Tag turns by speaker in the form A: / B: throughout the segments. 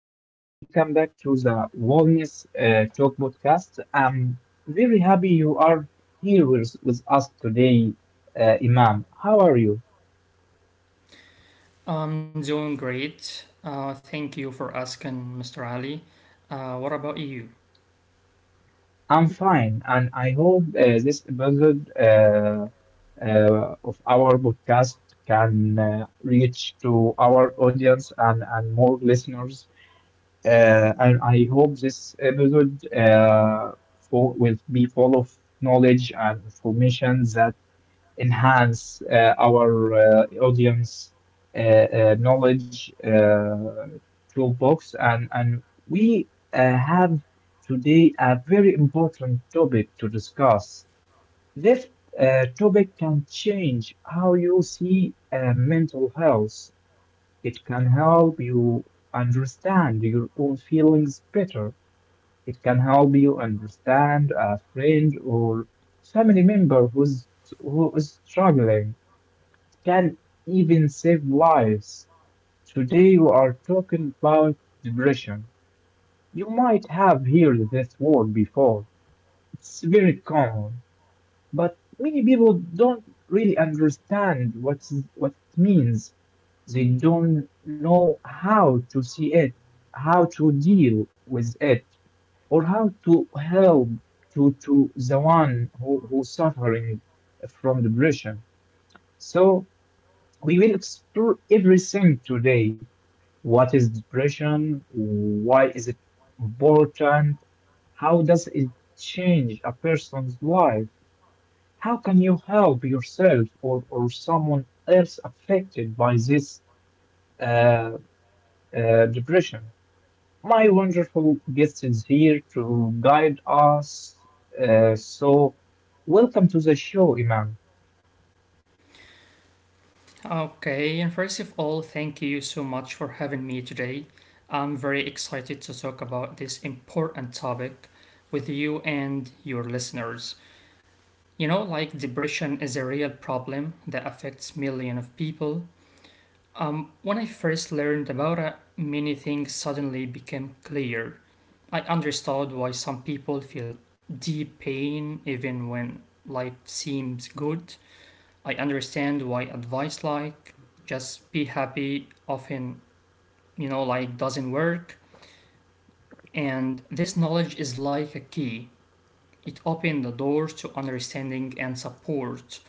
A: welcome back to the Wellness Talk podcast. I'm very happy you are here with us today, Imam. How are you?
B: I'm doing great. Thank you for asking, Mr. Ali. What about you?
A: I'm fine, and I hope this episode of our podcast can reach to our audience and more listeners. And I hope this episode will be full of knowledge and information that enhance our audience knowledge toolbox and we have today a very important topic to discuss. This topic can change how you see mental health. It can help you understand your own feelings better. It can help you understand a friend or family member who is struggling can even save lives. Today we are talking about depression. You might have heard this word before. It's very common, but many people don't really understand what it means. They don't know how to see it, how to deal with it, or how to help to the one who's suffering from depression. So we will explore everything today. What is depression? Why is it important? How does it change a person's life? How can you help yourself or someone else affected by this uh, depression? My wonderful guest is here to guide us. So, welcome to the show, Imam.
B: Okay, and first of all, thank you so much for having me today. I'm very excited to talk about this important topic with you and your listeners. You know, like depression is a real problem that affects millions of people. When I first learned about it, many things suddenly became clear. I understood why some people feel deep pain even when life seems good. I understand why advice like just be happy often, like doesn't work. And this knowledge is like a key. It opens the doors to understanding and support.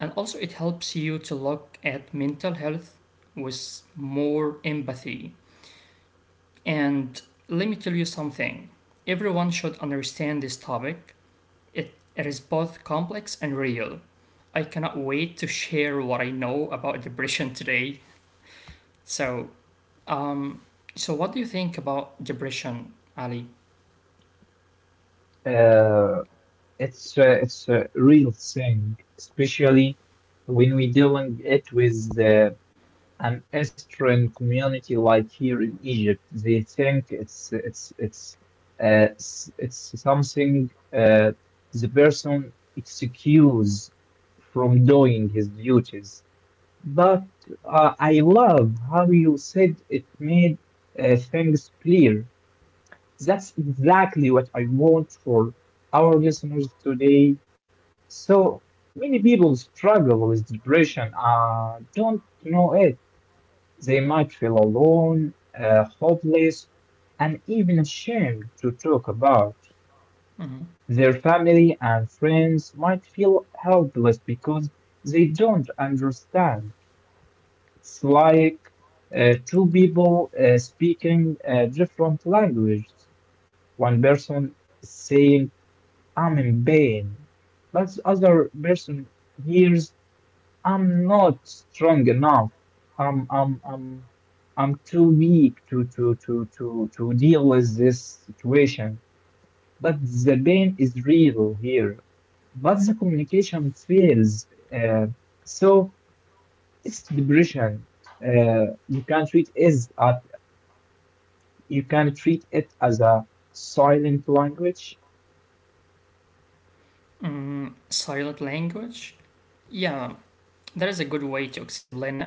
B: And also, it helps you to look at mental health with more empathy. And let me tell you something, everyone should understand this topic. It is both complex and real. I cannot wait to share what I know about depression today. So, um, so what do you think about depression, Ali?
A: Uh, it's a real thing, especially when we dealing it with an Eastern community like here in Egypt. They think it's something the person excuse from doing his duties. But I love how you said it made things clear. That's exactly what I want for our listeners today, so many people struggle with depression, don't know it. They might feel alone, hopeless, and even ashamed to talk about.
B: Hmm.
A: Their family and friends might feel helpless because they don't understand. It's like two people speaking different languages. One person saying, I'm in pain, but the other person hears I'm not strong enough. I'm I'm I'm I'm too weak to deal with this situation. But the pain is real here. But the communication fails. Uh, so it's depression. You can treat is at you can treat it as a silent language.
B: Mm, silent language? Yeah, that is a good way to explain it.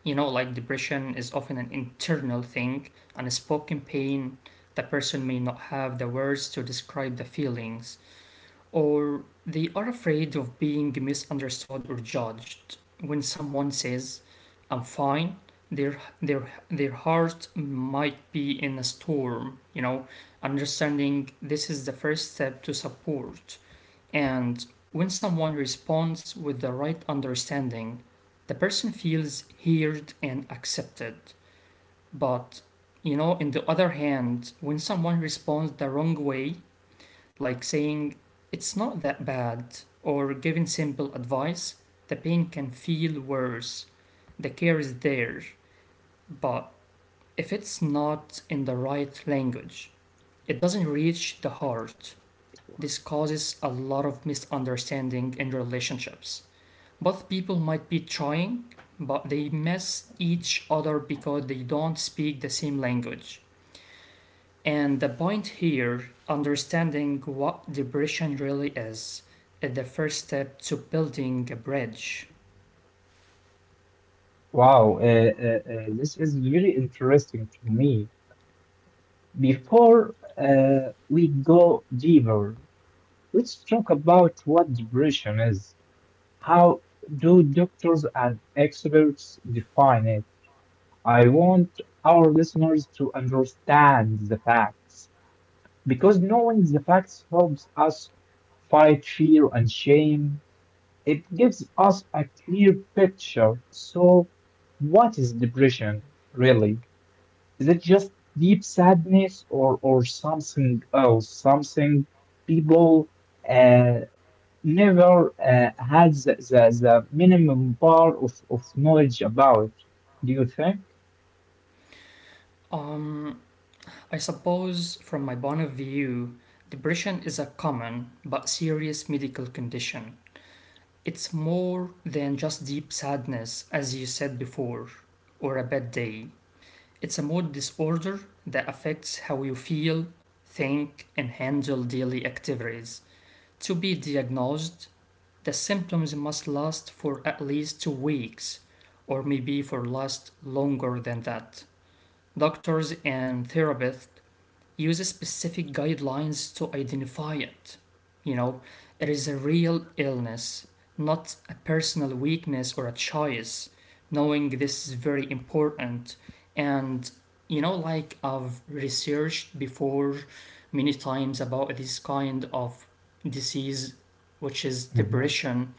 B: You know, like depression is often an internal thing, unspoken pain. The person may not have the words to describe the feelings, or they are afraid of being misunderstood or judged. When someone says, I'm fine, their heart might be in a storm, you know. Understanding this is the first step to support. And when someone responds with the right understanding, the person feels heard and accepted. But, you know, in the other hand, when someone responds the wrong way, like saying it's not that bad or giving simple advice. The pain can feel worse. The care is there, but if it's not in the right language, it doesn't reach the heart. This causes a lot of misunderstanding in relationships. Both people might be trying, but they miss each other because they don't speak the same language. And the point here, understanding what depression really is the first step to building a bridge.
A: Wow, this is very interesting to me. Before we go deeper, let's talk about what depression is. How do doctors and experts define it? I want our listeners to understand the facts because knowing the facts helps us fight fear and shame. It gives us a clear picture. So, what is depression really? Is it just deep sadness or something else? Something people uh, never had the minimum bar of knowledge about. Do you think?
B: Um, I suppose, from my point of view, depression is a common but serious medical condition. It's more than just deep sadness, as you said before, or a bad day. It's a mood disorder that affects how you feel, think, and handle daily activities. To be diagnosed, the symptoms must last for at least 2 weeks, or maybe for last longer than that. Doctors and therapists use specific guidelines to identify it. You know, it is a real illness, not a personal weakness or a choice. Knowing this is very important, and you know, like I've researched before many times about this kind of disease, which is
A: Mhm.
B: depression,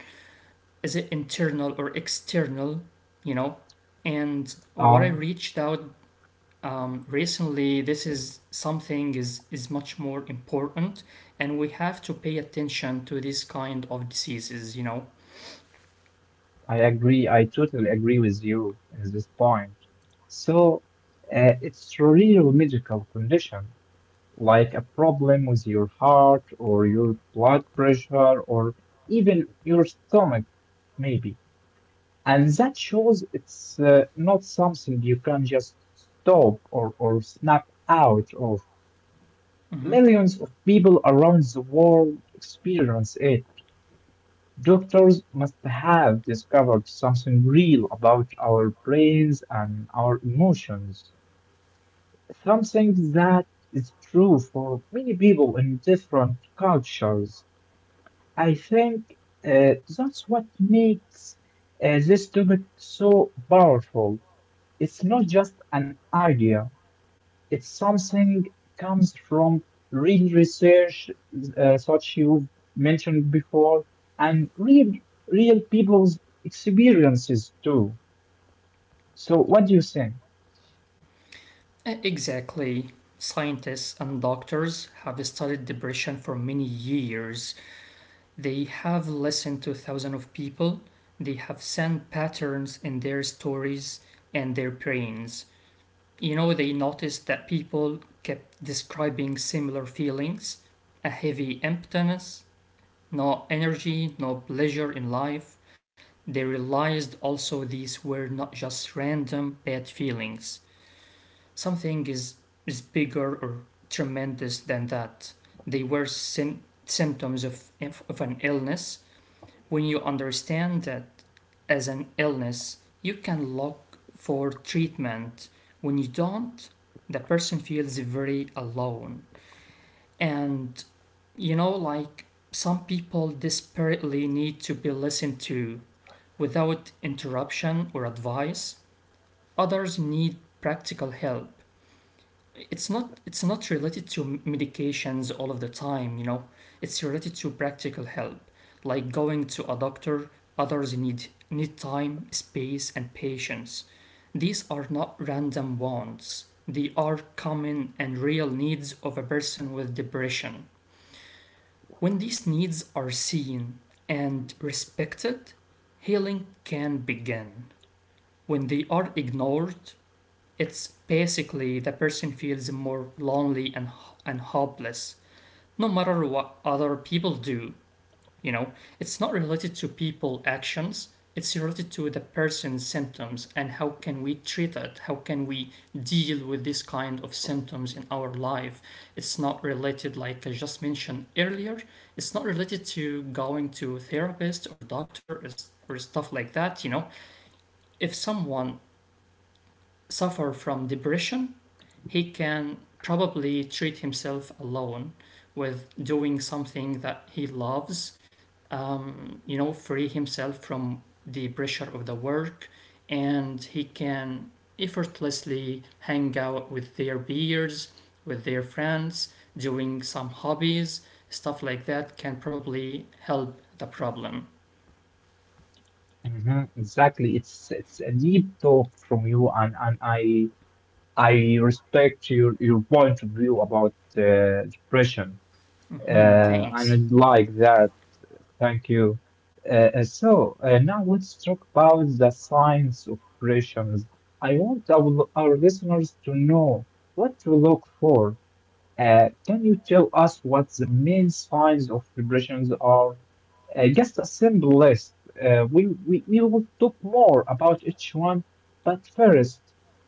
B: is it internal or external, you know, and what I
A: Oh,
B: reached out recently, this is something is much more important, and we have to pay attention to this kind of diseases, you know.
A: I agree. I totally agree with you at this point. So it's a real medical condition, like a problem with your heart or your blood pressure or even your stomach, maybe. And that shows it's not something you can just stop or snap out of.
B: Mhm.
A: Millions of people around the world experience it. Doctors must have discovered something real about our brains and our emotions, something that is true for many people in different cultures. I think that's what makes this topic so powerful. It's not just an idea. It's something comes from real research, such you mentioned before, and real people's experiences too. So, what do you think?
B: Exactly, scientists and doctors have studied depression for many years. They have listened to thousands of people. They have seen patterns in their stories and their brains. You know, they noticed that people kept describing similar feelings: a heavy emptiness, no energy, no pleasure in life. They realized also these were not just random bad feelings. Something is bigger or tremendous than that. They were symptoms of an illness. When you understand that as an illness, you can look for treatment. When you don't, the person feels very alone. And you know, like some people desperately need to be listened to without interruption or advice, others need practical help. It's not related to medications all of the time, you know. It's related to practical help, like going to a doctor. Others need time, space and patience. These are not random wants. They are common and real needs of a person with depression. When these needs are seen and respected, healing can begin. When they are ignored, it's basically the person feels more lonely and hopeless, no matter what other people do. You know, it's not related to people actions. It's related to the person's symptoms and how can we treat it? How can we deal with this kind of symptoms in our life? It's not related, like I just mentioned earlier. It's not related to going to a therapist or doctor or stuff like that. You know, if someone suffer from depression, he can probably treat himself alone with doing something that he loves, you know, free himself from the pressure of the work, and he can effortlessly hang out with their peers, with their friends, doing some hobbies, stuff like that can probably help the problem.
A: Mhm, exactly, it's a deep talk from you, and I respect your point of view about depression,
B: Mhm,
A: and
B: thanks.
A: I like that. Thank you. So now let's talk about the science of operations. I want our listeners to know what to look for. Can you tell us what the main signs of depressions are? Just a simple list. We will talk more about each one, but first,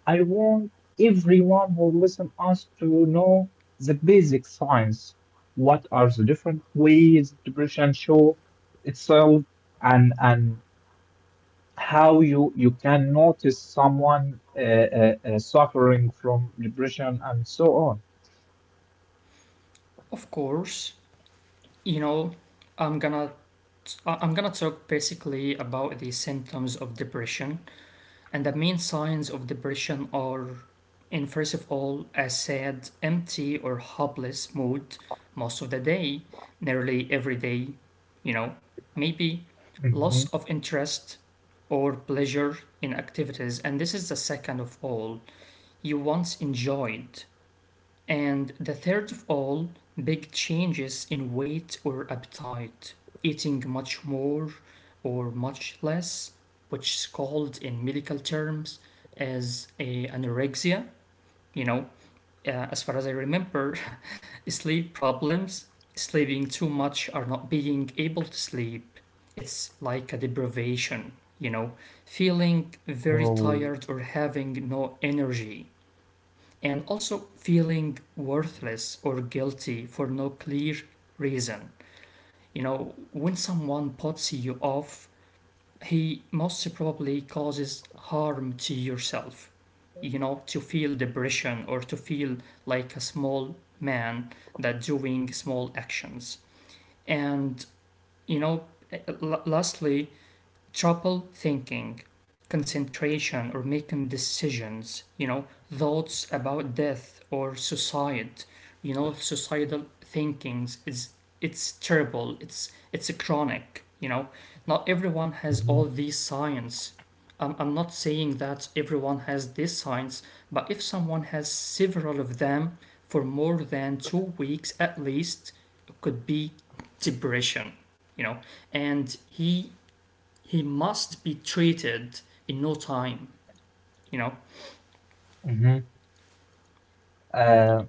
A: I want everyone who listen us to know the basic signs. What are the different ways depression show itself, and how you can notice someone suffering from depression and so on.
B: Of course, you know, I'm gonna I'm gonna talk basically about the symptoms of depression, and the main signs of depression are, in first of all, a sad, empty, or hopeless mood most of the day, nearly every day, you know, maybe loss
A: Mhm.
B: of interest or pleasure in activities, and this is the second of all you once enjoyed, and the third of all, big changes in weight or appetite, eating much more or much less, which is called in medical terms as a anorexia, you know, as far as I remember, sleep problems, sleeping too much or not being able to sleep. It's like a deprivation, you know, feeling very
A: Oh.
B: tired or having no energy, and also feeling worthless or guilty for no clear reason. You know, when someone puts you off, he most probably causes harm to yourself. You know, to feel depression or to feel like a small man that doing small actions. And you know, lastly, trouble thinking, concentration, or making decisions, you know, thoughts about death or suicide, you know, societal thinkings is it's terrible. It's a chronic, you know. Not everyone has all
A: Mhm,
B: these signs. I'm not saying that everyone has these signs, but if someone has several of them for more than 2 weeks at least, it could be depression, you know. And he must be treated in no time. You know.
A: mhm. Uh,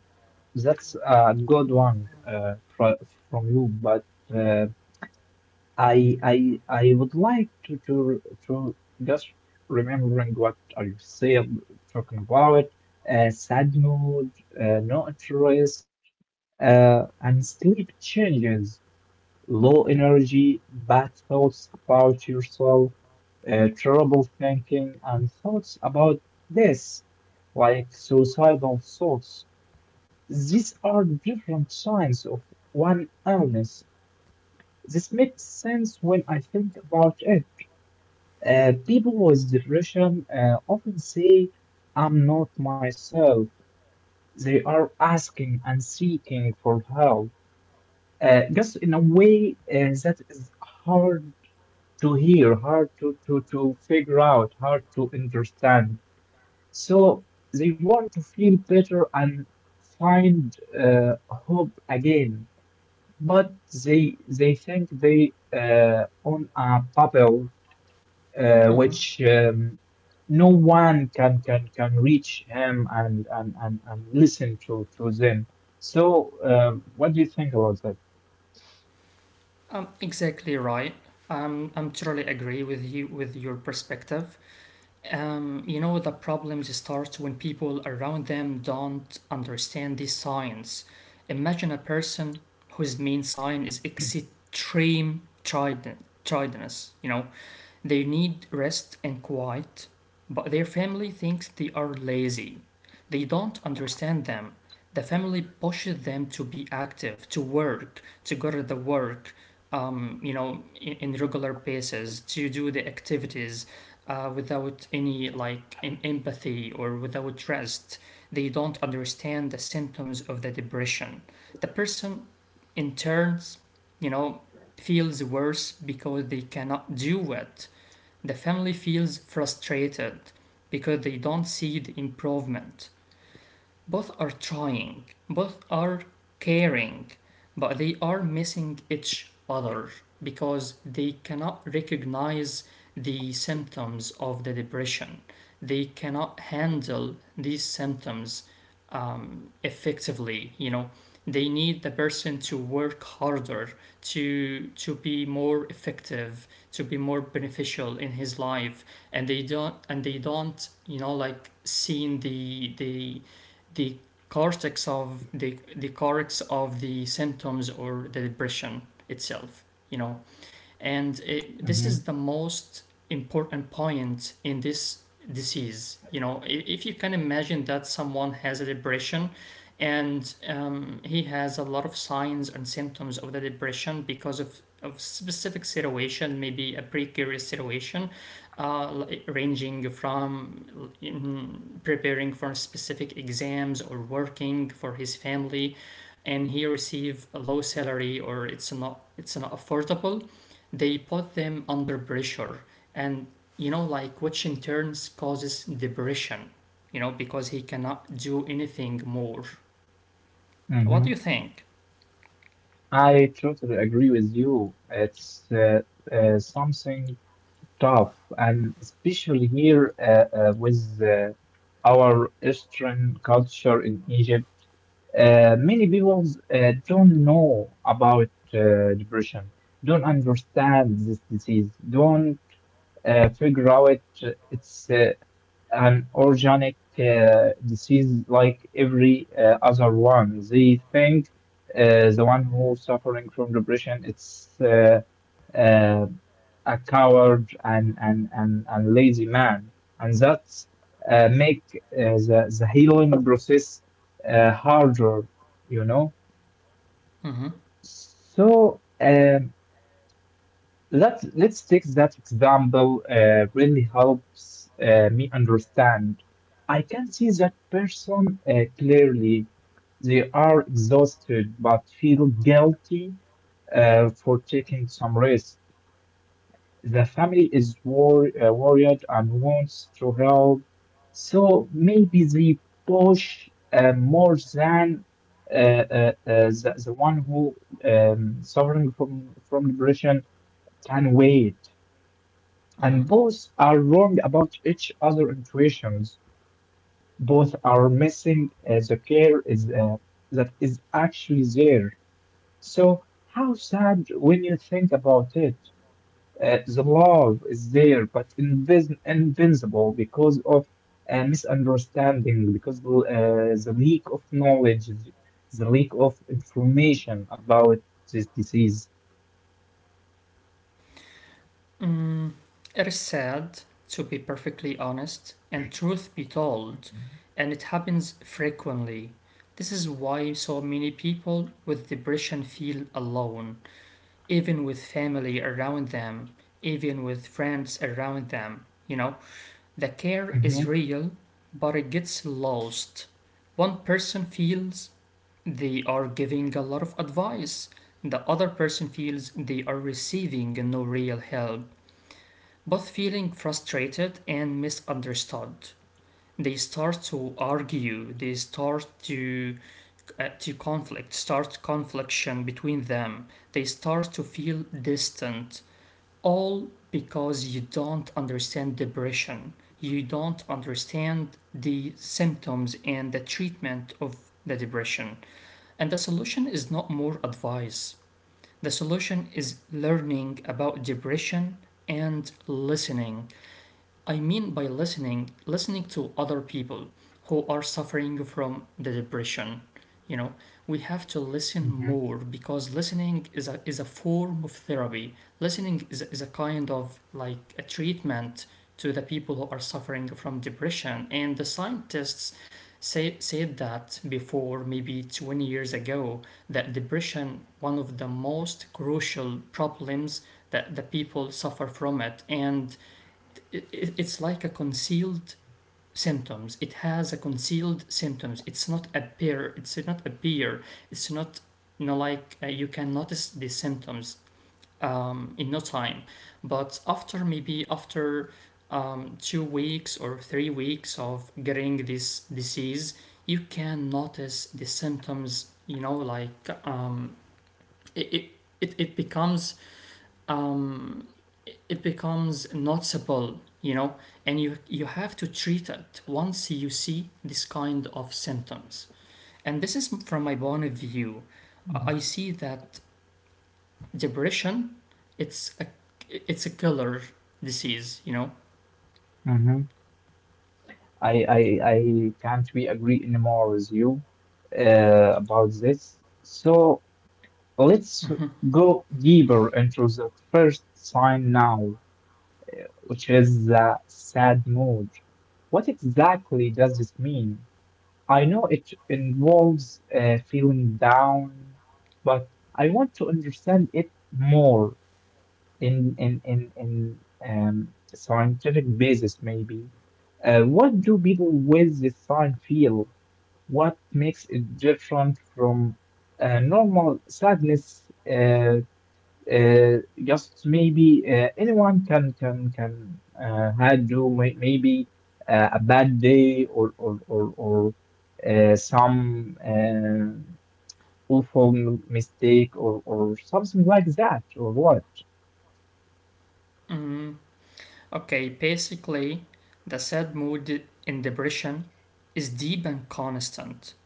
A: that's a good one from you, but uh, I would like to just remembering what are you said talking about sad mood, no interest, and sleep changes, low energy, bad thoughts about yourself, trouble thinking, and thoughts about this, like suicidal thoughts. These are different signs of one illness. This makes sense when I think about it. People with depression often say, I'm not myself. They are asking and seeking for help, just in a way that is hard to hear, hard to figure out, hard to understand. So they want to feel better and find hope again, but they think they own a bubble uh,
B: Mm-hmm.
A: which um, no one can reach him and listen to them. So what do you think about that?
B: Exactly right. I'm totally agree with you with your perspective. You know the problems start when people around them don't understand this science. Imagine a person whose main sign is extreme tridentness. You know, they need rest and quiet, but their family thinks they are lazy. They don't understand them. The family pushes them to be active, to work, to go to the work, you know, in regular basis, to do the activities without any like empathy or without rest. They don't understand the symptoms of the depression. The person, in turns, you know, feels worse because they cannot do it. The family feels frustrated because they don't see the improvement. Both are trying, both are caring, but they are missing each other because they cannot recognize the symptoms of the depression. They cannot handle these symptoms effectively, you know. They need the person to work harder to be more effective, to be more beneficial in his life, and they don't you know like seeing the cortex of the cortex of the symptoms or the depression itself, you know. And it, this
A: Hmm.
B: is the most important point in this disease, you know. If you can imagine that someone has a depression and he has a lot of signs and symptoms of the depression because of specific situation, maybe a precarious situation, uh, ranging from preparing for specific exams or working for his family, and he receive a low salary or it's not affordable, they put them under pressure, and you know, like which in turns causes depression. You know, because he cannot do anything more. What do
A: Hmm.
B: you think?
A: I totally agree with you. It's something tough, and especially here with our Eastern culture in Egypt. Many people don't know about depression, don't understand this disease, don't figure out its an organic disease like every other one. They think the one who suffering from depression it's uh, a coward and lazy man, and that make the healing process harder, you know.
B: Mm-hmm.
A: So. Let's let's take that example. Really helps me understand. I can see that person clearly. They are exhausted but feel guilty for taking some risk. The family is worried and wants to help, so maybe they push more than the one who suffering from depression can wait.
B: Mm-hmm.
A: And both are wrong about each other intuitions. Both are missing the care is that is actually there. So how sad when you think about it. The love is there, but invis invincible because of misunderstanding, because the lack of knowledge, the lack of information about this disease.
B: Mm, it is sad, to be perfectly honest, and truth be told, and it happens frequently. This is why so many people with depression feel alone, even with family around them, even with friends around them, you know? The care is
A: Mhm,
B: real, but it gets lost. One person feels they are giving a lot of advice, the other person feels they are receiving no real help, both feeling frustrated and misunderstood. They start to argue, they start to conflict, start confliction between them. They start to feel distant, all because you don't understand depression. You don't understand the symptoms and the treatment of the depression. And the solution is not more advice. The solution is learning about depression and listening. I mean by listening, listening to other people who are suffering from the depression. You know, we have to listen
A: mhm,
B: more because listening is a form of therapy. Listening is a kind of like a treatment to the people who are suffering from depression. And the scientists said that before, maybe 20 years ago, that depression, one of the most crucial problems that the people suffer from it. And it it's like a concealed symptoms. It's not appear it's not appear it's not You can notice the symptoms in no time, but after 2 weeks or 3 weeks of getting this disease you can notice the symptoms. It it, it becomes um, noticeable, and you have to treat it once you see this kind of symptoms. And this is from my point of view. I
A: mhm.
B: see that depression, it's a it's a killer disease, you know.
A: Mhm. I can't we agree anymore with you about this. So let's go deeper into the first sign now, which is the sad mood. What exactly does this mean? I know it involves feeling down, but I want to understand it more in scientific basis maybe. What do people with this sign feel? What makes it different from normal sadness? Uh, just maybe anyone can maybe a bad day or some awful mistake or something like that or what?
B: Mm, okay, basically, the sad mood in depression is deep and constant.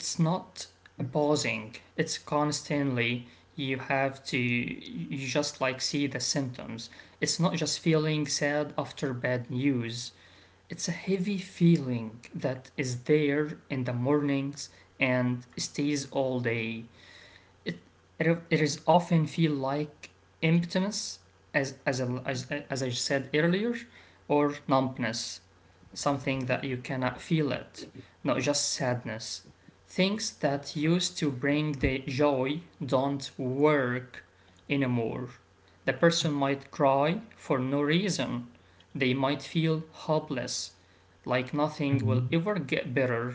B: It's not a pausing, it's constantly. You have to you just see the symptoms. It's not just feeling sad after bad news, it's a heavy feeling that is there in the mornings and stays all day. it it is often feel like emptiness, as as I said earlier, or numbness, something that you cannot feel it, not just sadness. Things that used to bring the joy don't work anymore. The person might cry for no reason. They might feel hopeless, like
A: Yeah.
B: nothing will ever get better.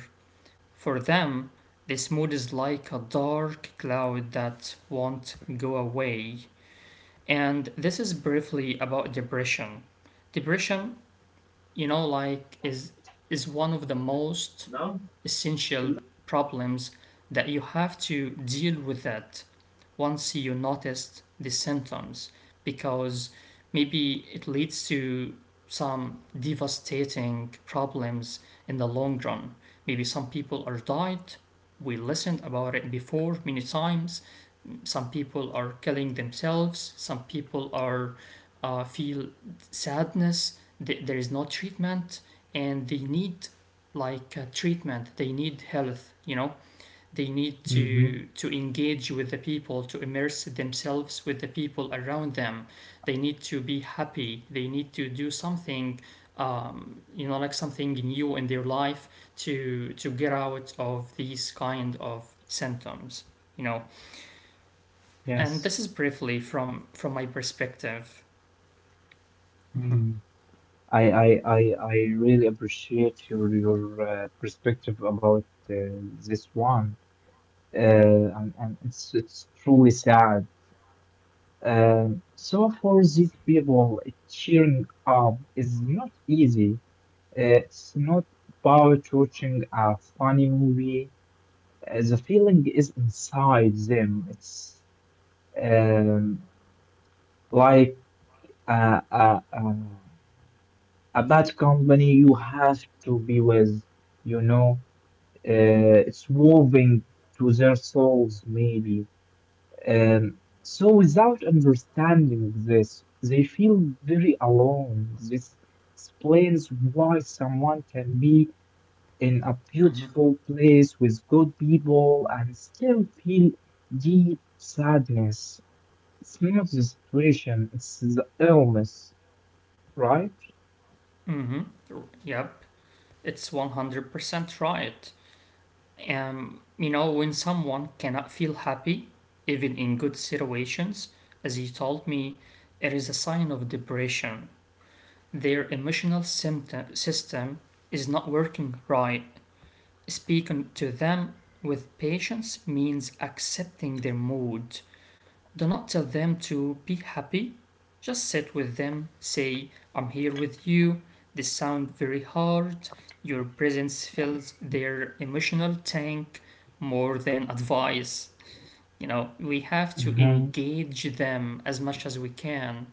B: For them, this mood is like a dark cloud that won't go away. And this is briefly about depression. Depression, is one of the most essential problems that you have to deal with, that once you noticed the symptoms, because maybe it leads to some devastating problems in the long run. Maybe some people are died, we listened about it before many times. Some people are killing themselves, some people are feel sadness. There is no treatment, and they need treatment, they need health, you know. They need
A: Hmm.
B: to engage with the people, to immerse themselves with the people around them. They need to be happy, they need to do something, something new in their life, to get out of these kind of symptoms, you know. And
A: Yes.
B: this is briefly from my perspective. Mm-hmm,
A: Mm-hmm. I really appreciate your perspective about uh, this one, and it's truly sad. Um, so for these people, cheering up is not easy. It's not about watching a funny movie. The feeling is inside them. It's um, like a, a, a, a bad company you have to be with, you know. Uh, it's moving to their souls, maybe. Um, so without understanding this, they feel very alone. This explains why someone can be in a
B: mm-hmm,
A: beautiful place with good people and still feel deep sadness. It's not the situation, it's the illness, right?
B: mm-hmm. Yep, it's 100% right. You know, when someone cannot feel happy, even in good situations, as he told me, it is a sign of depression. Their emotional symptom, system is not working right. Speaking to them with patience means accepting their mood. Do not tell them to be happy. Just sit with them, say, I'm here with you. They sound very hard. Your presence fills their emotional tank more than advice. You know, we have to
A: Mhm.
B: engage them as much as we can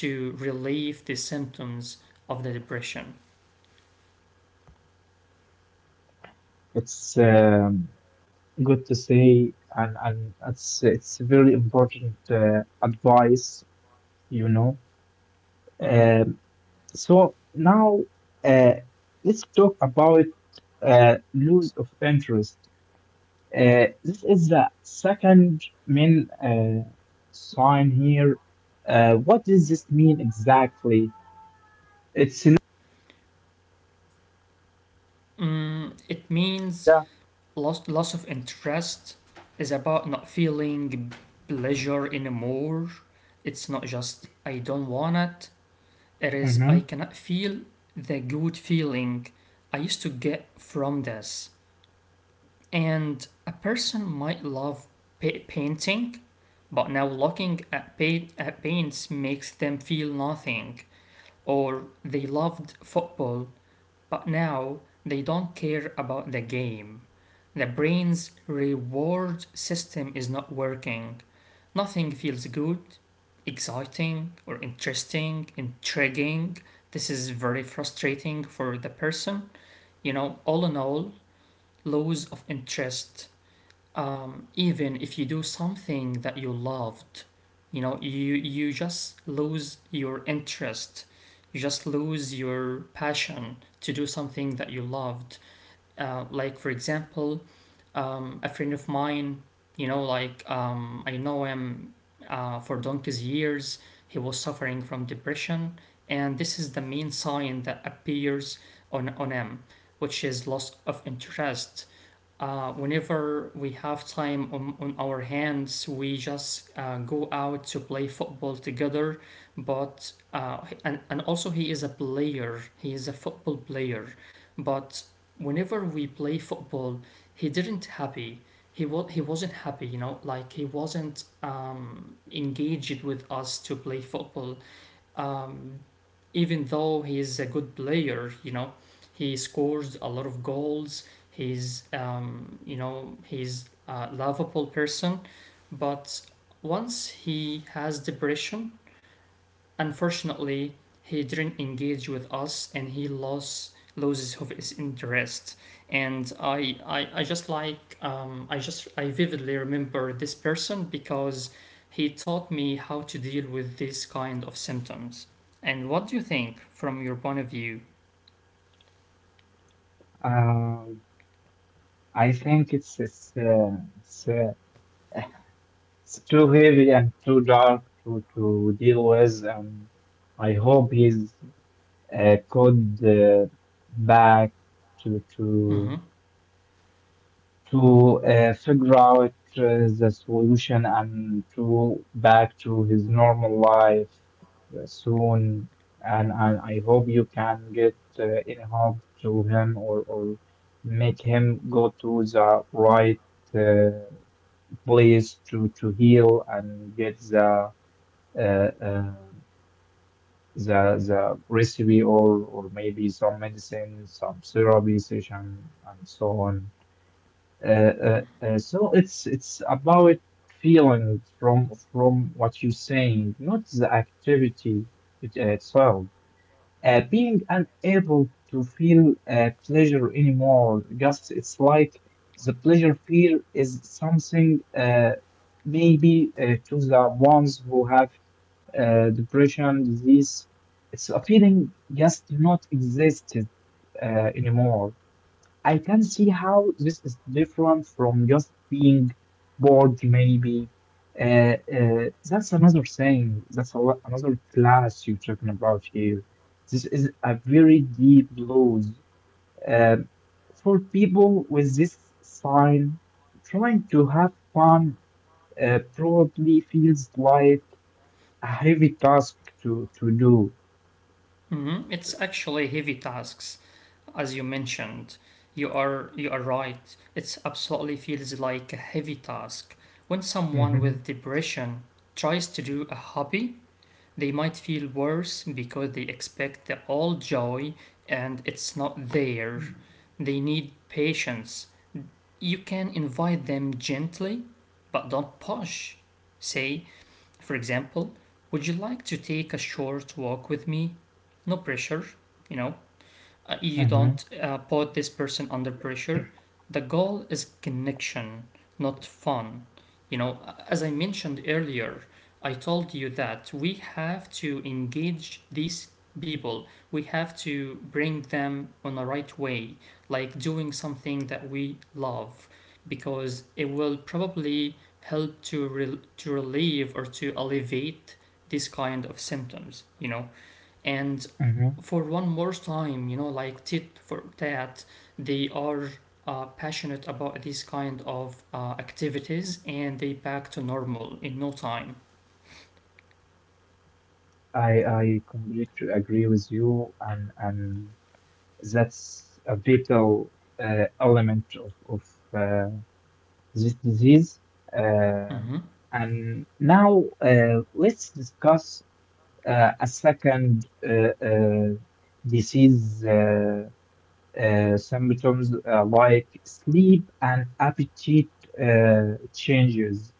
B: to relieve the symptoms of the depression.
A: It's good to say, and it's very important advice, you know.
B: Mhm.
A: Um, so now uh, let's talk about loss of interest. This is the second main sign here. What does this mean exactly? It's in
B: It means
A: the,
B: loss of interest is about not feeling pleasure anymore. It's not just I don't want it. It is I
A: mhm.
B: cannot feel the good feeling I used to get from this. And a person might love painting, but now looking at, at paints makes them feel nothing. Or they loved football, but now they don't care about the game. The brain's reward system is not working. Nothing feels good, exciting, or interesting, intriguing. This is very frustrating for the person. You know, all in all, loss of interest, even if you do something that you loved, you know, you just lose your interest, you just lose your passion to do something that you loved. Like for example, a friend of mine, I know him for donkey's years. He was suffering from depression, and this is the main sign that appears on him, which is loss of interest. Whenever we have time on our hands, we just go out to play football together. But and also, he is a football player. But whenever we play football, he didn't happy. He was he wasn't happy, you know, like he wasn't engaged with us to play football, um, even though he is a good player, you know. He scores a lot of goals. He's You know, he's a lovable person, but once he has depression, unfortunately, he didn't engage with us and he lost loses of his interest. And I just I vividly remember this person because he taught me how to deal with this kind of symptoms. And what do you think from your point of view?
A: Um, I think it's uh, it's too heavy and too dark to deal with, and I hope he's could back to to
B: Mm-hmm.
A: to figure out the solution and to back to his normal life soon. And I hope you can get any help to him, or make him go to the right uh, place to heal and get the uh, uh, the recipe or maybe some medicine, some therapy session, and so on. So it's about feeling from what you're saying, not the activity it, itself. Being unable to feel pleasure anymore, just it's like the pleasure feel is something maybe to the ones who have depression, disease. It's a feeling just not existed anymore. I can see how this is different from just being bored, maybe. That's another thing. That's a, another class you're talking about here. This is a very deep blues. Uh, for people with this sign, trying to have fun probably feels like a heavy task to do.
B: Mm-hmm. It's actually heavy tasks. As you mentioned, you are right, it absolutely feels like a heavy task. When someone
A: Mm-hmm.
B: with depression tries to do a hobby, they might feel worse because they expect the all joy and it's not there.
A: Mm-hmm.
B: They need patience. You can invite them gently, but don't push. Say, for example, would you like to take a short walk with me? No pressure, you know. You don't put this person under pressure. The goal is connection, not fun. You know, as I mentioned earlier, I told you that we have to engage these people. We have to bring them on the right way, like doing something that we love, because it will probably help to relieve or to alleviate this kind of symptoms. You know, and
A: Mm-hmm.
B: for one more time, you know, like tit for tat, they are passionate about these kind of activities and they back to normal in no time.
A: I completely agree with you, and that's a vital element of uh, this disease. Uh,
B: Mm-hmm.
A: and now let's discuss a second disease symptoms like sleep and appetite changes.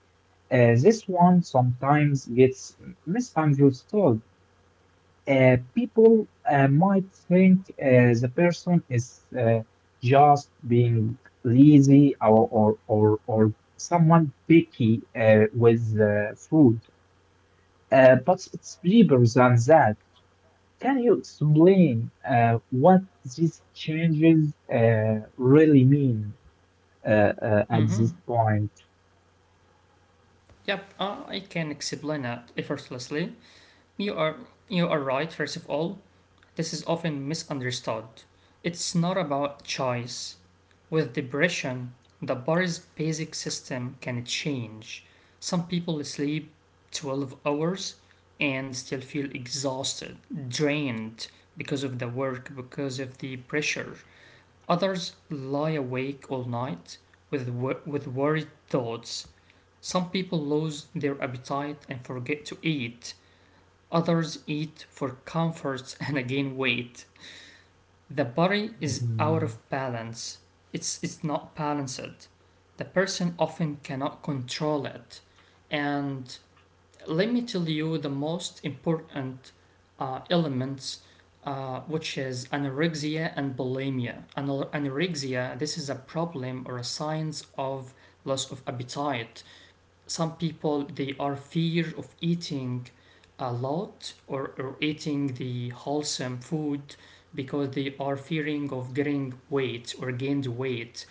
A: This one sometimes gets misunderstood. People might think the person is just being lazy or someone picky with food. But it's deeper than that. Can you explain what these changes really mean at this
B: Mm-hmm.
A: point?
B: Yep, I can explain that effortlessly. You are you are right. First of all, this is often misunderstood. It's not about choice. With depression, the body's basic system can change. Some people sleep 12 hours and still feel exhausted, drained because of the work, because of the pressure. Others lie awake all night with worried thoughts. Some people lose their appetite and forget to eat. Others eat for comfort and again weight. The body is out of
A: Mhm.
B: balance. It's not balanced. The person often cannot control it. And let me tell you the most important elements, which is anorexia and bulimia. Anorexia, this is a problem or a signs of loss of appetite. Some people they are fear of eating a lot, or eating the wholesome food, because they are fearing of getting weight or gained weight.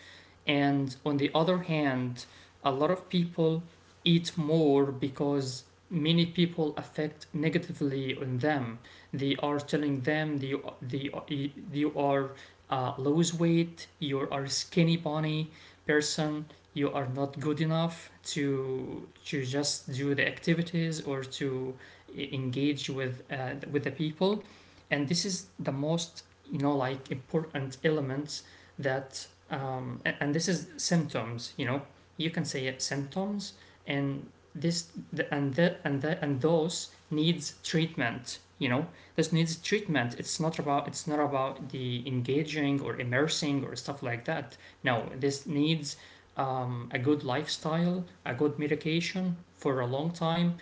B: And on the other hand, a lot of people eat more because many people affect negatively on them. They are telling them, they, you are lose weight, you are skinny bunny person, you are not good enough to just do the activities or to engage with the people. And this is the most, important element that, and this is symptoms, you know, you can say it, symptoms. And this the, and that and that and those needs treatment, you know. This needs treatment. It's not about the engaging or immersing or stuff like that. No, this needs a good lifestyle, a good medication for a long time.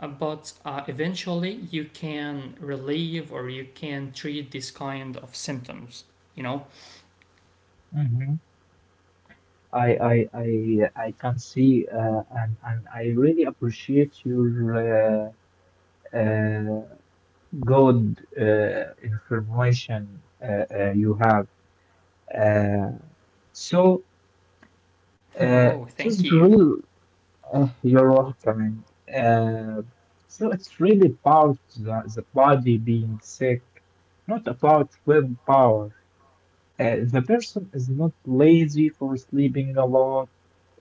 B: But eventually you can relieve or you can treat this kind of symptoms. You know,
A: Mhm. I can see and I really appreciate your uh, uh, good information you have. Uh, so
B: oh,
A: it
B: thank
A: is
B: you.
A: real. You're welcoming. Uh, so it's really about the body being sick, not about willpower. The person is not lazy for sleeping a lot.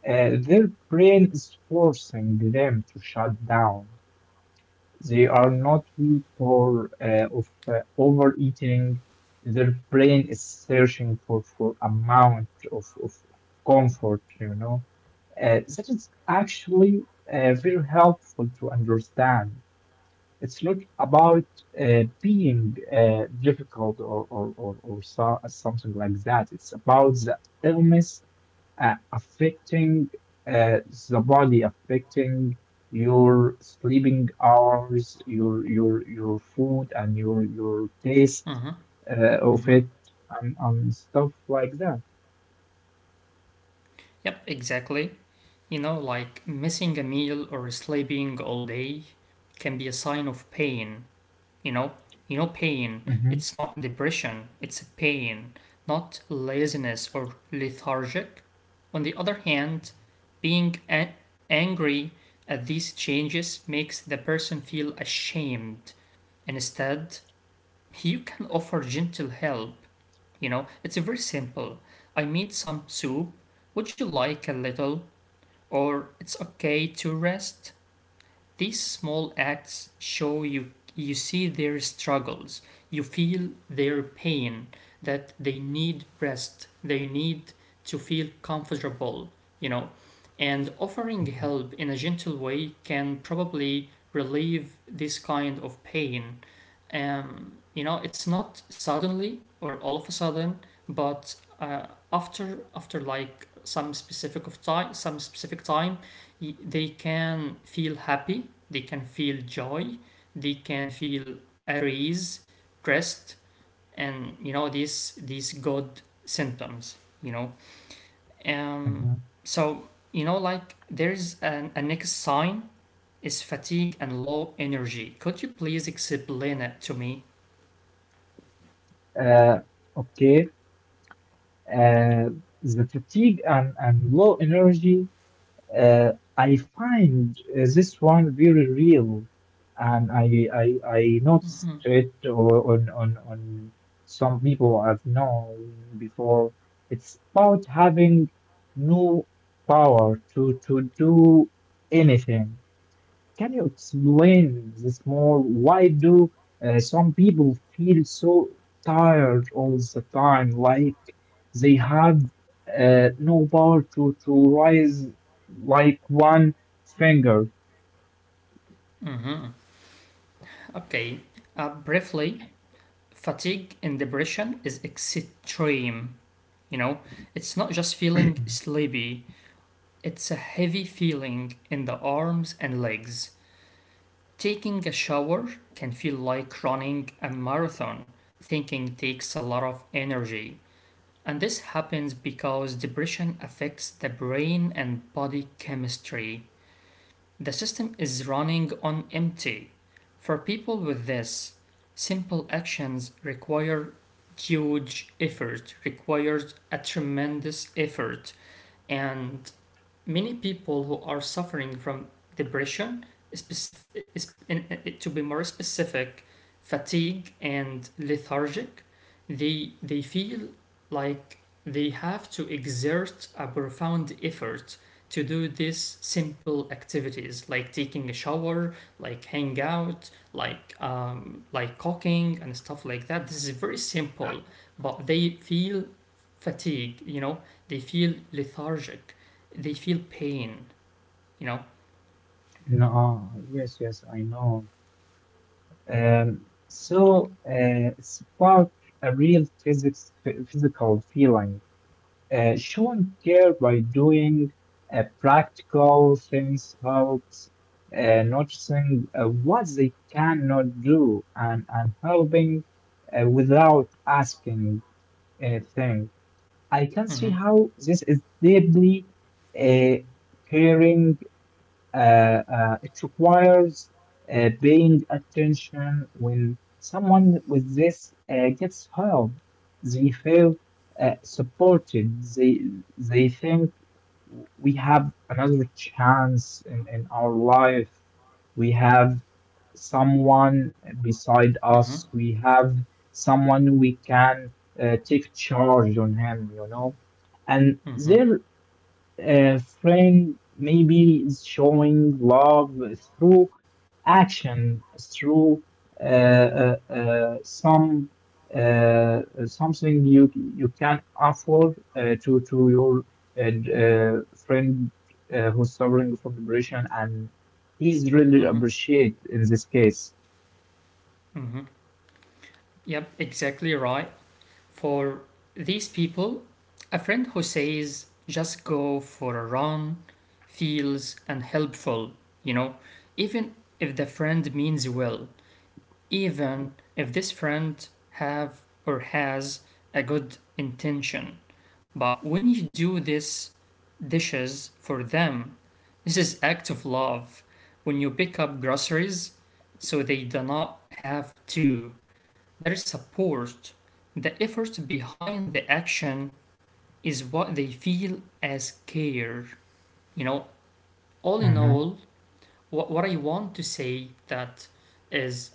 A: Their brain is forcing them to shut down. They are not weak for of overeating. Their brain is searching for amount of comfort, you know. That is actually very helpful to understand. It's not about being difficult or something like that. It's about the illness affecting uh, the body, affecting your sleeping hours, your food, and your taste
B: Hmm.
A: of
B: Hmm.
A: it, and stuff like that.
B: Yep, exactly. You know, like missing a meal or sleeping all day can be a sign of pain. you know you know, pain,
A: Hmm.
B: it's not a depression, it's a pain, not laziness or lethargic. On the other hand, being a- angry at these changes makes the person feel ashamed. Instead, you can offer gentle help. You know, it's very simple. I made some soup, would you like a little? Or it's okay to rest. These small acts show you see their struggles, you feel their pain, that they need rest, they need to feel comfortable, you know. And offering
A: Hmm.
B: help in a gentle way can probably relieve this kind of pain. You know, it's not suddenly or all of a sudden, but after some specific of time, some specific time, they can feel happy, they can feel joy, they can feel at ease, rest, and you know these good symptoms. You know, um,
A: Hmm.
B: so you know like there's a next sign is fatigue and low energy. Could you please explain it to me?
A: Uh, okay. Uh, the fatigue and low energy. I find this one very real, and I noticed
B: Hmm.
A: it on some people I've known before. It's about having no power to do anything. Can you explain this more? Why do some people feel so tired all the time? Like they have no power to rise like one finger.
B: Hmm. Okay. Briefly, fatigue and depression is extreme. You know, it's not just feeling sleepy. It's a heavy feeling in the arms and legs. Taking a shower can feel like running a marathon. Thinking takes a lot of energy. And this happens because depression affects the brain and body chemistry. The system is running on empty. For people with this, simple actions require huge effort, requires a tremendous effort, and many people who are suffering from depression, specific, to be more specific, fatigue and lethargic, they feel like they have to exert a profound effort to do these simple activities like taking a shower, like hang out, like cooking and stuff like that. This is very simple, but they feel fatigue. You know, they feel lethargic, they feel pain, you know.
A: No, yes, yes, I know. Spark a real physical feeling, showing care by doing practical things helps. Noticing what they cannot do and helping without asking anything. I can
B: Mm-hmm.
A: see how this is deeply uh, caring, uh, it requires paying attention when someone with this gets help. They feel supported. They think we have another chance in our life. We have someone beside
B: Mm-hmm.
A: us. We have someone we can take charge on him, you know. And
B: Mm-hmm.
A: their a friend maybe is showing love through action, through some something you you can offer to your friend who's suffering from depression, and he's really
B: Mm-hmm.
A: appreciated in this case.
B: Mm-hmm. Yep, exactly right. For these people, a friend who says just go for a run feels unhelpful, you know, even if the friend means well, even if this friend have or has a good intention. But when you do this dishes for them, this is act of love. When you pick up groceries so they do not have to, there is support. The effort behind the action is what they feel as care. You know, all in
A: Mhm.
B: all, what I want to say that is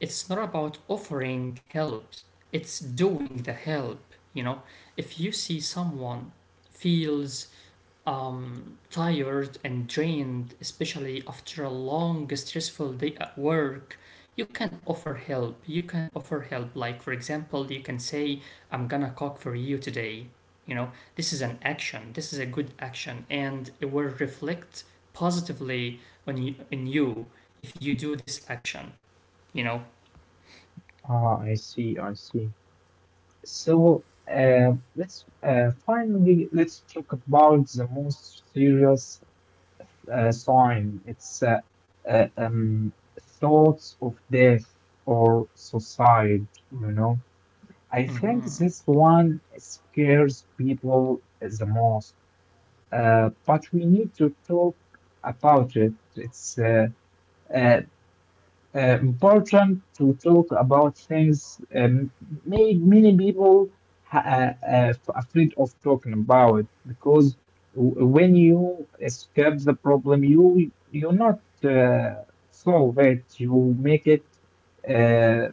B: it's not about offering help. It's doing the help. You know, if you see someone feels tired and drained, especially after a long, stressful day at work, you can offer help. You can offer help. Like, for example, you can say, I'm gonna cook for you today. You know, this is an action, this is a good action, and it will reflect positively on you if you do this action, you know.
A: Ah, I see, I see. So, let's finally let's talk about the most serious sign. It's uh, um, Thoughts of death or suicide, you know. I think
B: Hmm.
A: this one scares people the most, but we need to talk about it. It's uh, Important to talk about things made many people afraid of talking about, because when you escape the problem, you not uh, solve it, you make it uh,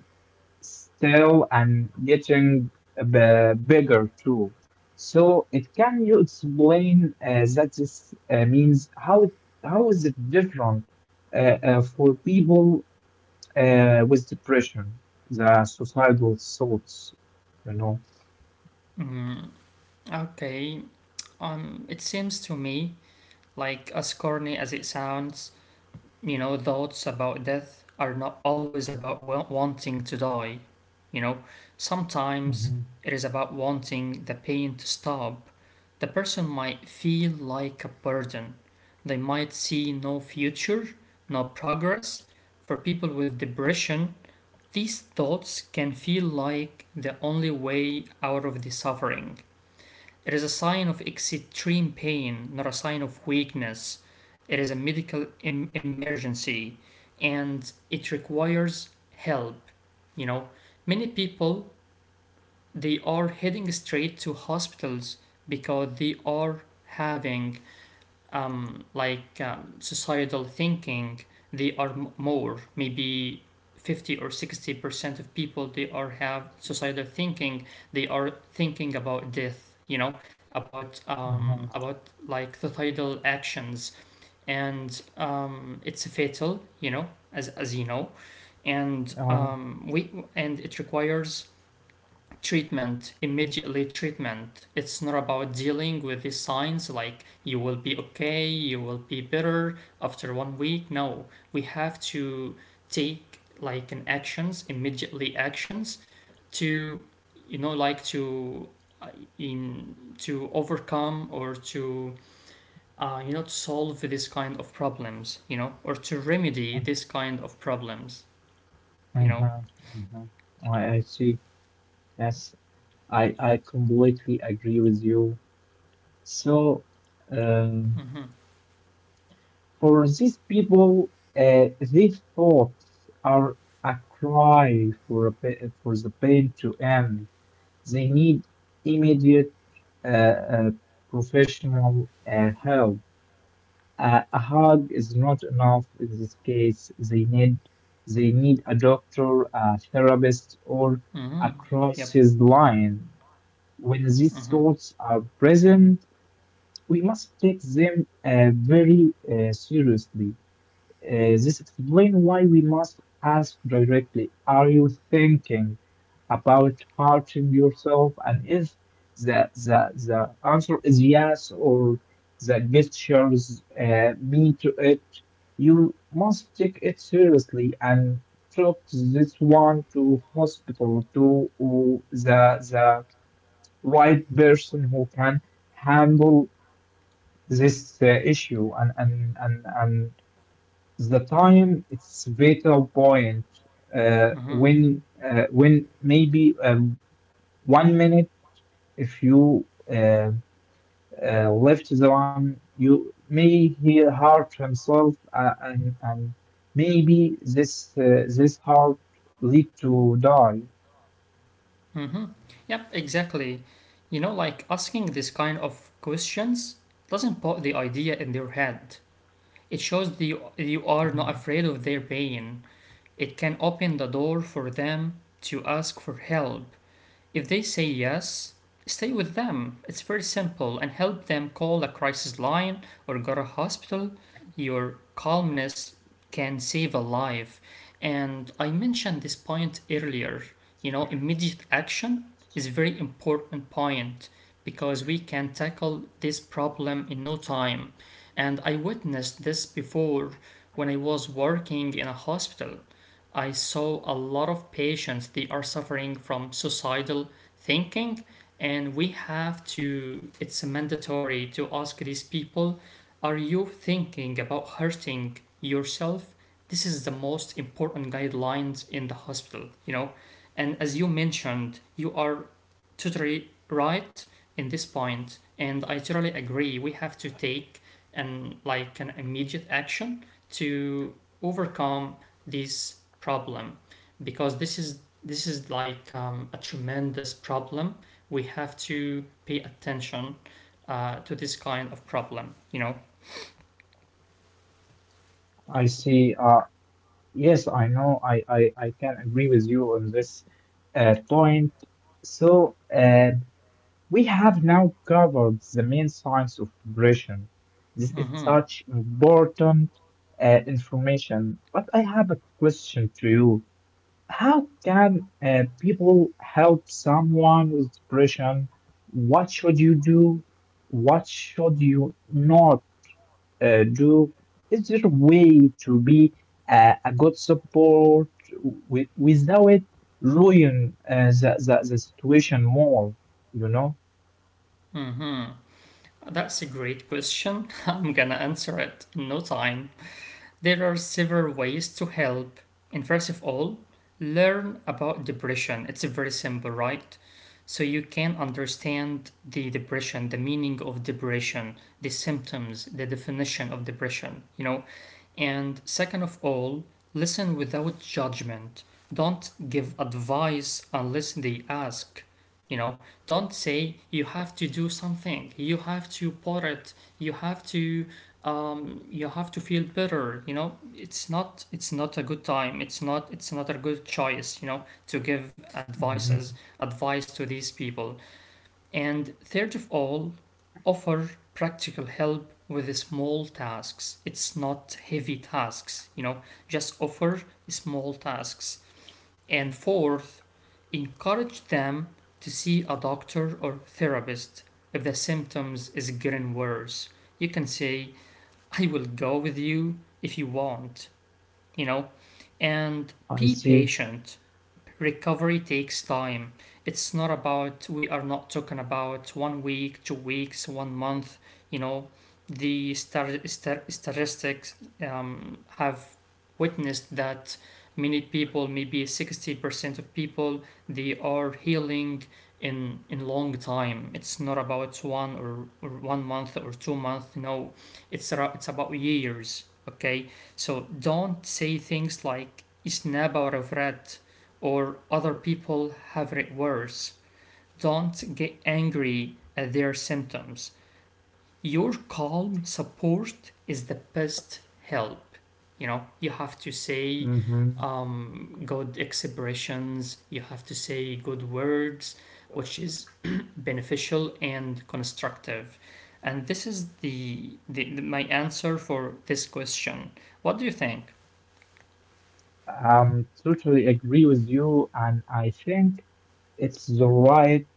A: still and getting bigger too. So it, can you explain that this means how it, how is it different for people with depression, the suicidal thoughts, you know.
B: Hmm. Okay, it seems to me, like as corny as it sounds, you know, thoughts about death are not always about wanting to die. You know, sometimes
A: Mm-hmm.
B: it is about wanting the pain to stop. The person might feel like a burden. They might see no future, no progress. For people with depression, these thoughts can feel like the only way out of the suffering. It is a sign of extreme pain, not a sign of weakness. It is a medical emergency and it requires help. You know, many people they are heading straight to hospitals because they are having societal thinking, they are more maybe 50 or 60% of people they are have societal thinking, they are thinking about death, you know,
A: Mm-hmm.
B: about like societal actions, and it's fatal, you know, as you know. And
A: Uh,
B: we and it requires treatment, immediately treatment. It's not about dealing with the signs like you will be okay, you will be better after 1 week. No, we have to take like an actions, immediately actions to, you know, like to uh, in to overcome or to, you know, to solve this kind of problems, you know, or to remedy this kind of problems, you know.
A: mm-hmm. Hmm. I see. Yes, I completely agree with you. So, um,
B: Hmm.
A: for these people, these thoughts are a cry for for the pain to end. They need immediate uh, uh, professional help. A hug is not enough in this case. They need a doctor, a therapist, or a
B: Yep.
A: crisis line. When these thoughts are present, we must take them very seriously. This explains why we must ask directly, are you thinking about hurting yourself? And if the answer is yes, or the gestures mean to it, you must take it seriously and took this one to hospital to the right person who can handle this issue, and the time it's vital point
B: Hmm.
A: when maybe 1 minute if you left the one you may hear hurt himself, and maybe this this heart lead to die.
B: Mm-hmm. Yep, exactly. You know, like asking this kind of questions doesn't put the idea in their head. It shows that you are not
A: Mm,
B: afraid of their pain. It can open the door for them to ask for help. If they say yes, stay with them. It's very simple, and help them call a crisis line or go to hospital. Your calmness can save a life. And I mentioned this point earlier. You know, immediate action is a very important point because we can tackle this problem in no time. And I witnessed this before when I was working in a hospital. I saw a lot of patients they are suffering from suicidal thinking, and we have to, it's mandatory to ask these people, are you thinking about hurting yourself? This is the most important guidelines in the hospital, you know. And as you mentioned, you are totally right in this point, and I totally agree we have to take and like an immediate action to overcome this problem, because this is, this is like a tremendous problem we have to pay attention to this kind of problem, you know.
A: I see, yes I know, I can agree with you on this point. so uh, We have now covered the main science of depression. This is
B: Mm-hmm.
A: such important information, but I have a question to you. How can people help someone with depression? What should you do? What should you not do? Is there a way to be a good support with, without ruin the situation more, you know?
B: Mm-hmm. That's a great question. I'm gonna answer it in no time. There are several ways to help. And first of all, learn about depression. It's very simple, right? So you can understand the depression, the meaning of depression, the symptoms, the definition of depression, you know. And second of all, listen without judgment. Don't give advice unless they ask. You know, don't say you have to do something. You have to put it. You have to, you have to feel better. You know, it's not a good time. It's not a good choice. You know, to give advice to these people. And third of all, offer practical help with small tasks. It's not heavy tasks. You know, just offer small tasks. And fourth, encourage them to see a doctor or therapist if the symptoms is getting worse. You can say, I will go with you if you want, you know, and
A: I
B: be
A: see.
B: patient. Recovery takes time. It's not about, we are not talking about 1 week, 2 weeks, 1 month, you know. The statistics have witnessed that many people maybe 60% of people they are healing in long time. It's not about one or 1 month or 2 months, no. It's about years, okay. So don't say things like "snaba regret" or "other people have it worse." Don't get angry at their symptoms. Your calm support is the best help. You know, you have to say
A: Mm-hmm.
B: good expressions, you have to say good words, which is beneficial and constructive. And this is my answer for this question. What do you think?
A: Totally agree with you, and I think it's the right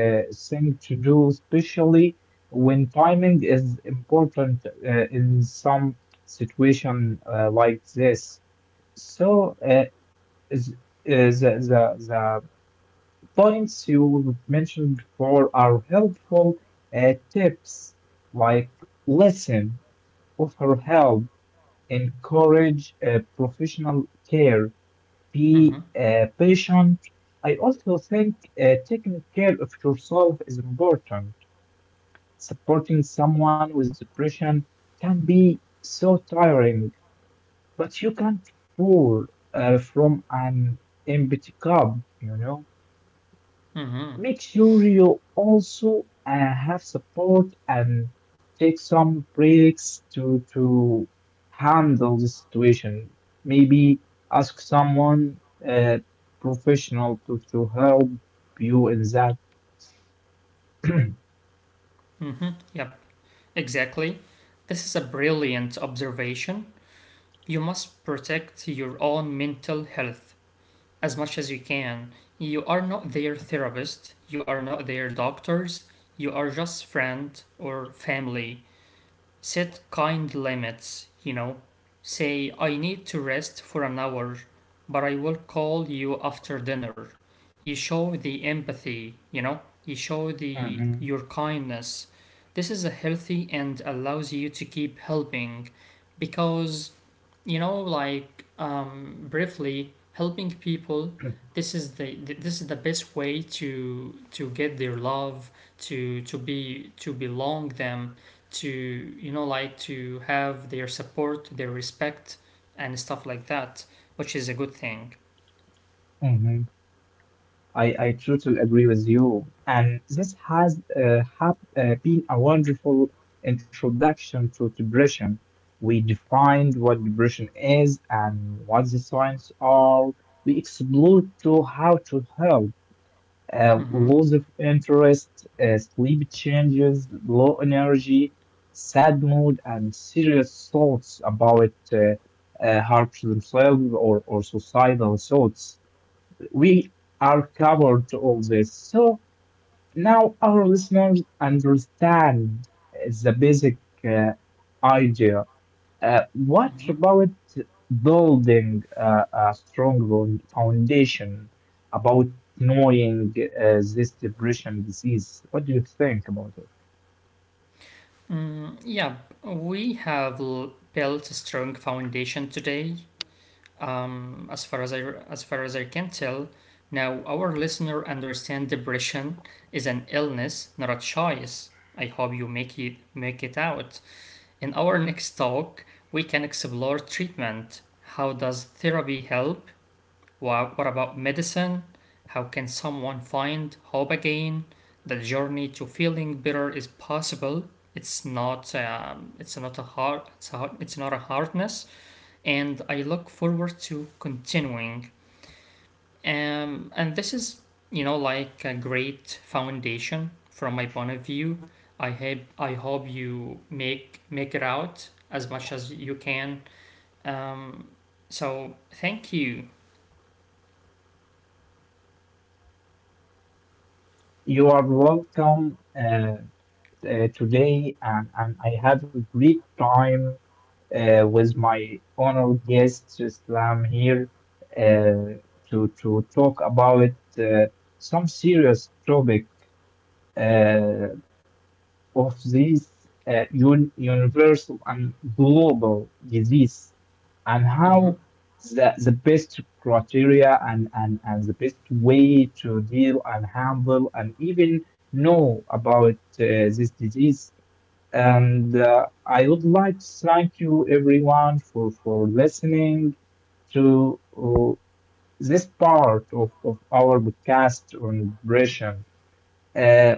A: thing to do, especially when timing is important in some situation like this. So, is, is the points you mentioned before are helpful tips like listen, offer help, encourage professional care. Be
B: Mm-hmm.
A: patient. I also think taking care of yourself is important. Supporting someone with depression can be so tiring, but you can't pour from an empty cup, you know?
B: Mm-hmm.
A: Make sure you also have support and take some breaks to handle the situation. Maybe ask someone uh, professional to help you in that.
B: Mm-hmm. Yep. Exactly. This is a brilliant observation. You must protect your own mental health as much as you can. You are not their therapist, you are not their doctors, you are just friend or family. Set kind limits, you know. Say, I need to rest for an hour, but I will call you after dinner. You show the empathy, you know, you show the
A: Mhm,
B: your kindness. This is a healthy and allows you to keep helping, because you know, like briefly helping people, this is this is the best way to get their love, to be to belong them, to you know like to have their support, their respect, and stuff like that, which is a good thing.
A: mhm. I totally agree with you. And this has have, been a wonderful introduction to depression. We defined what depression is and what the signs are. We explored to how to help. Uh,
B: Mm-hmm.
A: loss of interest, sleep changes, low energy, sad mood, and serious thoughts about harm to themselves, or societal thoughts, we are covered all this. So now our listeners understand the basic uh, idea. What about building a strong foundation about knowing this depression disease? What do you think about it?
B: Mm, yeah, we have built a strong foundation today, as far as I, as far as I can tell. Now our listener understand depression is an illness, not a choice. I hope you make it out. In our next talk, we can explore treatment. How does therapy help? What about medicine? How can someone find hope again? The journey to feeling better is possible. It's not a hard, it's not a hardness, and I look forward to continuing. And this is, you know, like a great foundation from my point of view. I hope you make make it out as much as you can. Um, so thank you.
A: You are welcome today, and I have a great time with my honored guest Islam here uh, to talk about uh, some serious topic uh, of this un universal and global disease, and
B: Mm-hmm,
A: how the best criteria and the best way to deal and handle and even know about this disease. And I would like to thank you, everyone, for listening to this part of our podcast on depression. Uh,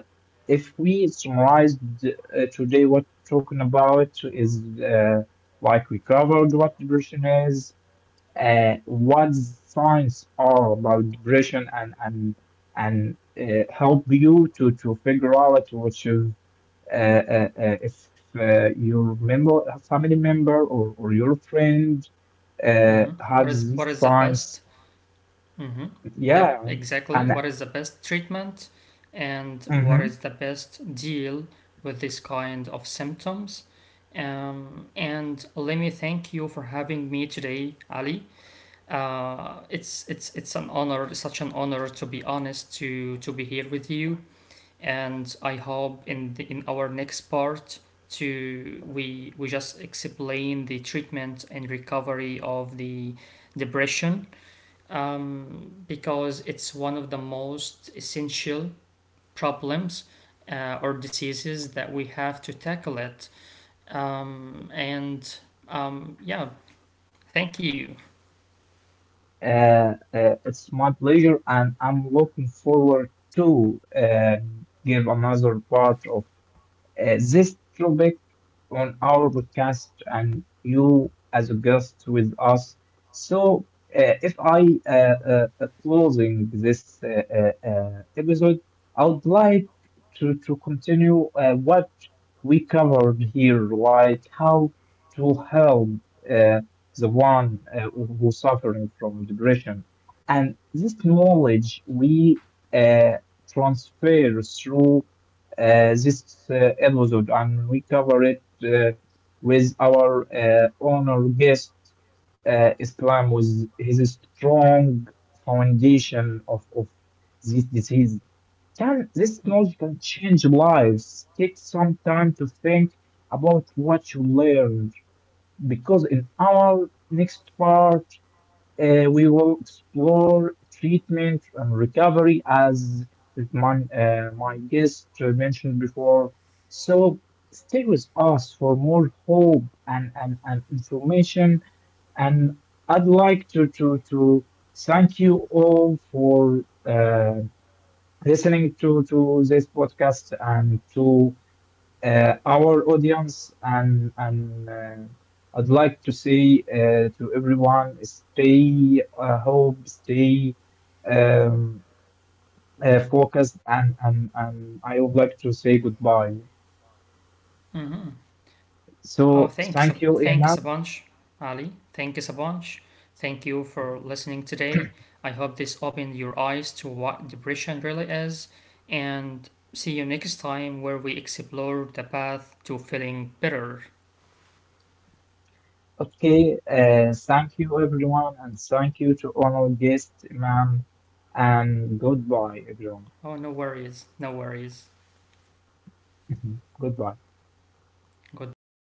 A: if we summarized today what talking about is like we covered what depression is, what signs are about depression, and help you to figure out which is if your member, a family member, or your friend
B: mm-hmm.
A: has
B: What
A: these
B: is the best?
A: signs.
B: Mm-hmm. Yep,
A: Yeah.
B: exactly.
A: And
B: What is the best treatment and what is
A: mhm,
B: the best deal with this kind of symptoms? And let me thank you for having me today, Ali. It's an honor, such an honor to be honest to be here with you. And I hope in in our next part to we just explain the treatment and recovery of the depression, because it's one of the most essential problems or diseases that we have to tackle it. And yeah, thank you.
A: it's my pleasure and I'm looking forward to give another part of this topic on our podcast and you as a guest with us. So, if I closing this episode, I would like to continue what we covered here, like how to help uh, the one who's suffering from depression, and this knowledge we uh, transfer through this episode, and we cover it with our honor guest, Islam, with his strong foundation of this disease. Can this knowledge can change lives? Take some time to think about what you learned, because in our next part, we will explore treatment and recovery as my, my guest mentioned before. So stay with us for more hope, and information. And I'd like to thank you all for listening to this podcast and to our audience, and I'd like to say to everyone, stay hope, stay um, focused, and I would like to say goodbye.
B: Hmm. Oh,
A: So thank you, Imam.
B: thanks a bunch, Ali. Thanks a bunch. Thank you for listening today. I hope this opened your eyes to what depression really is. And see you next time where we explore the path to feeling better.
A: Okay, thank you everyone and thank you to all our guests, Imam, and goodbye everyone.
B: Oh, no worries, no worries.
A: Goodbye.
B: Goodbye.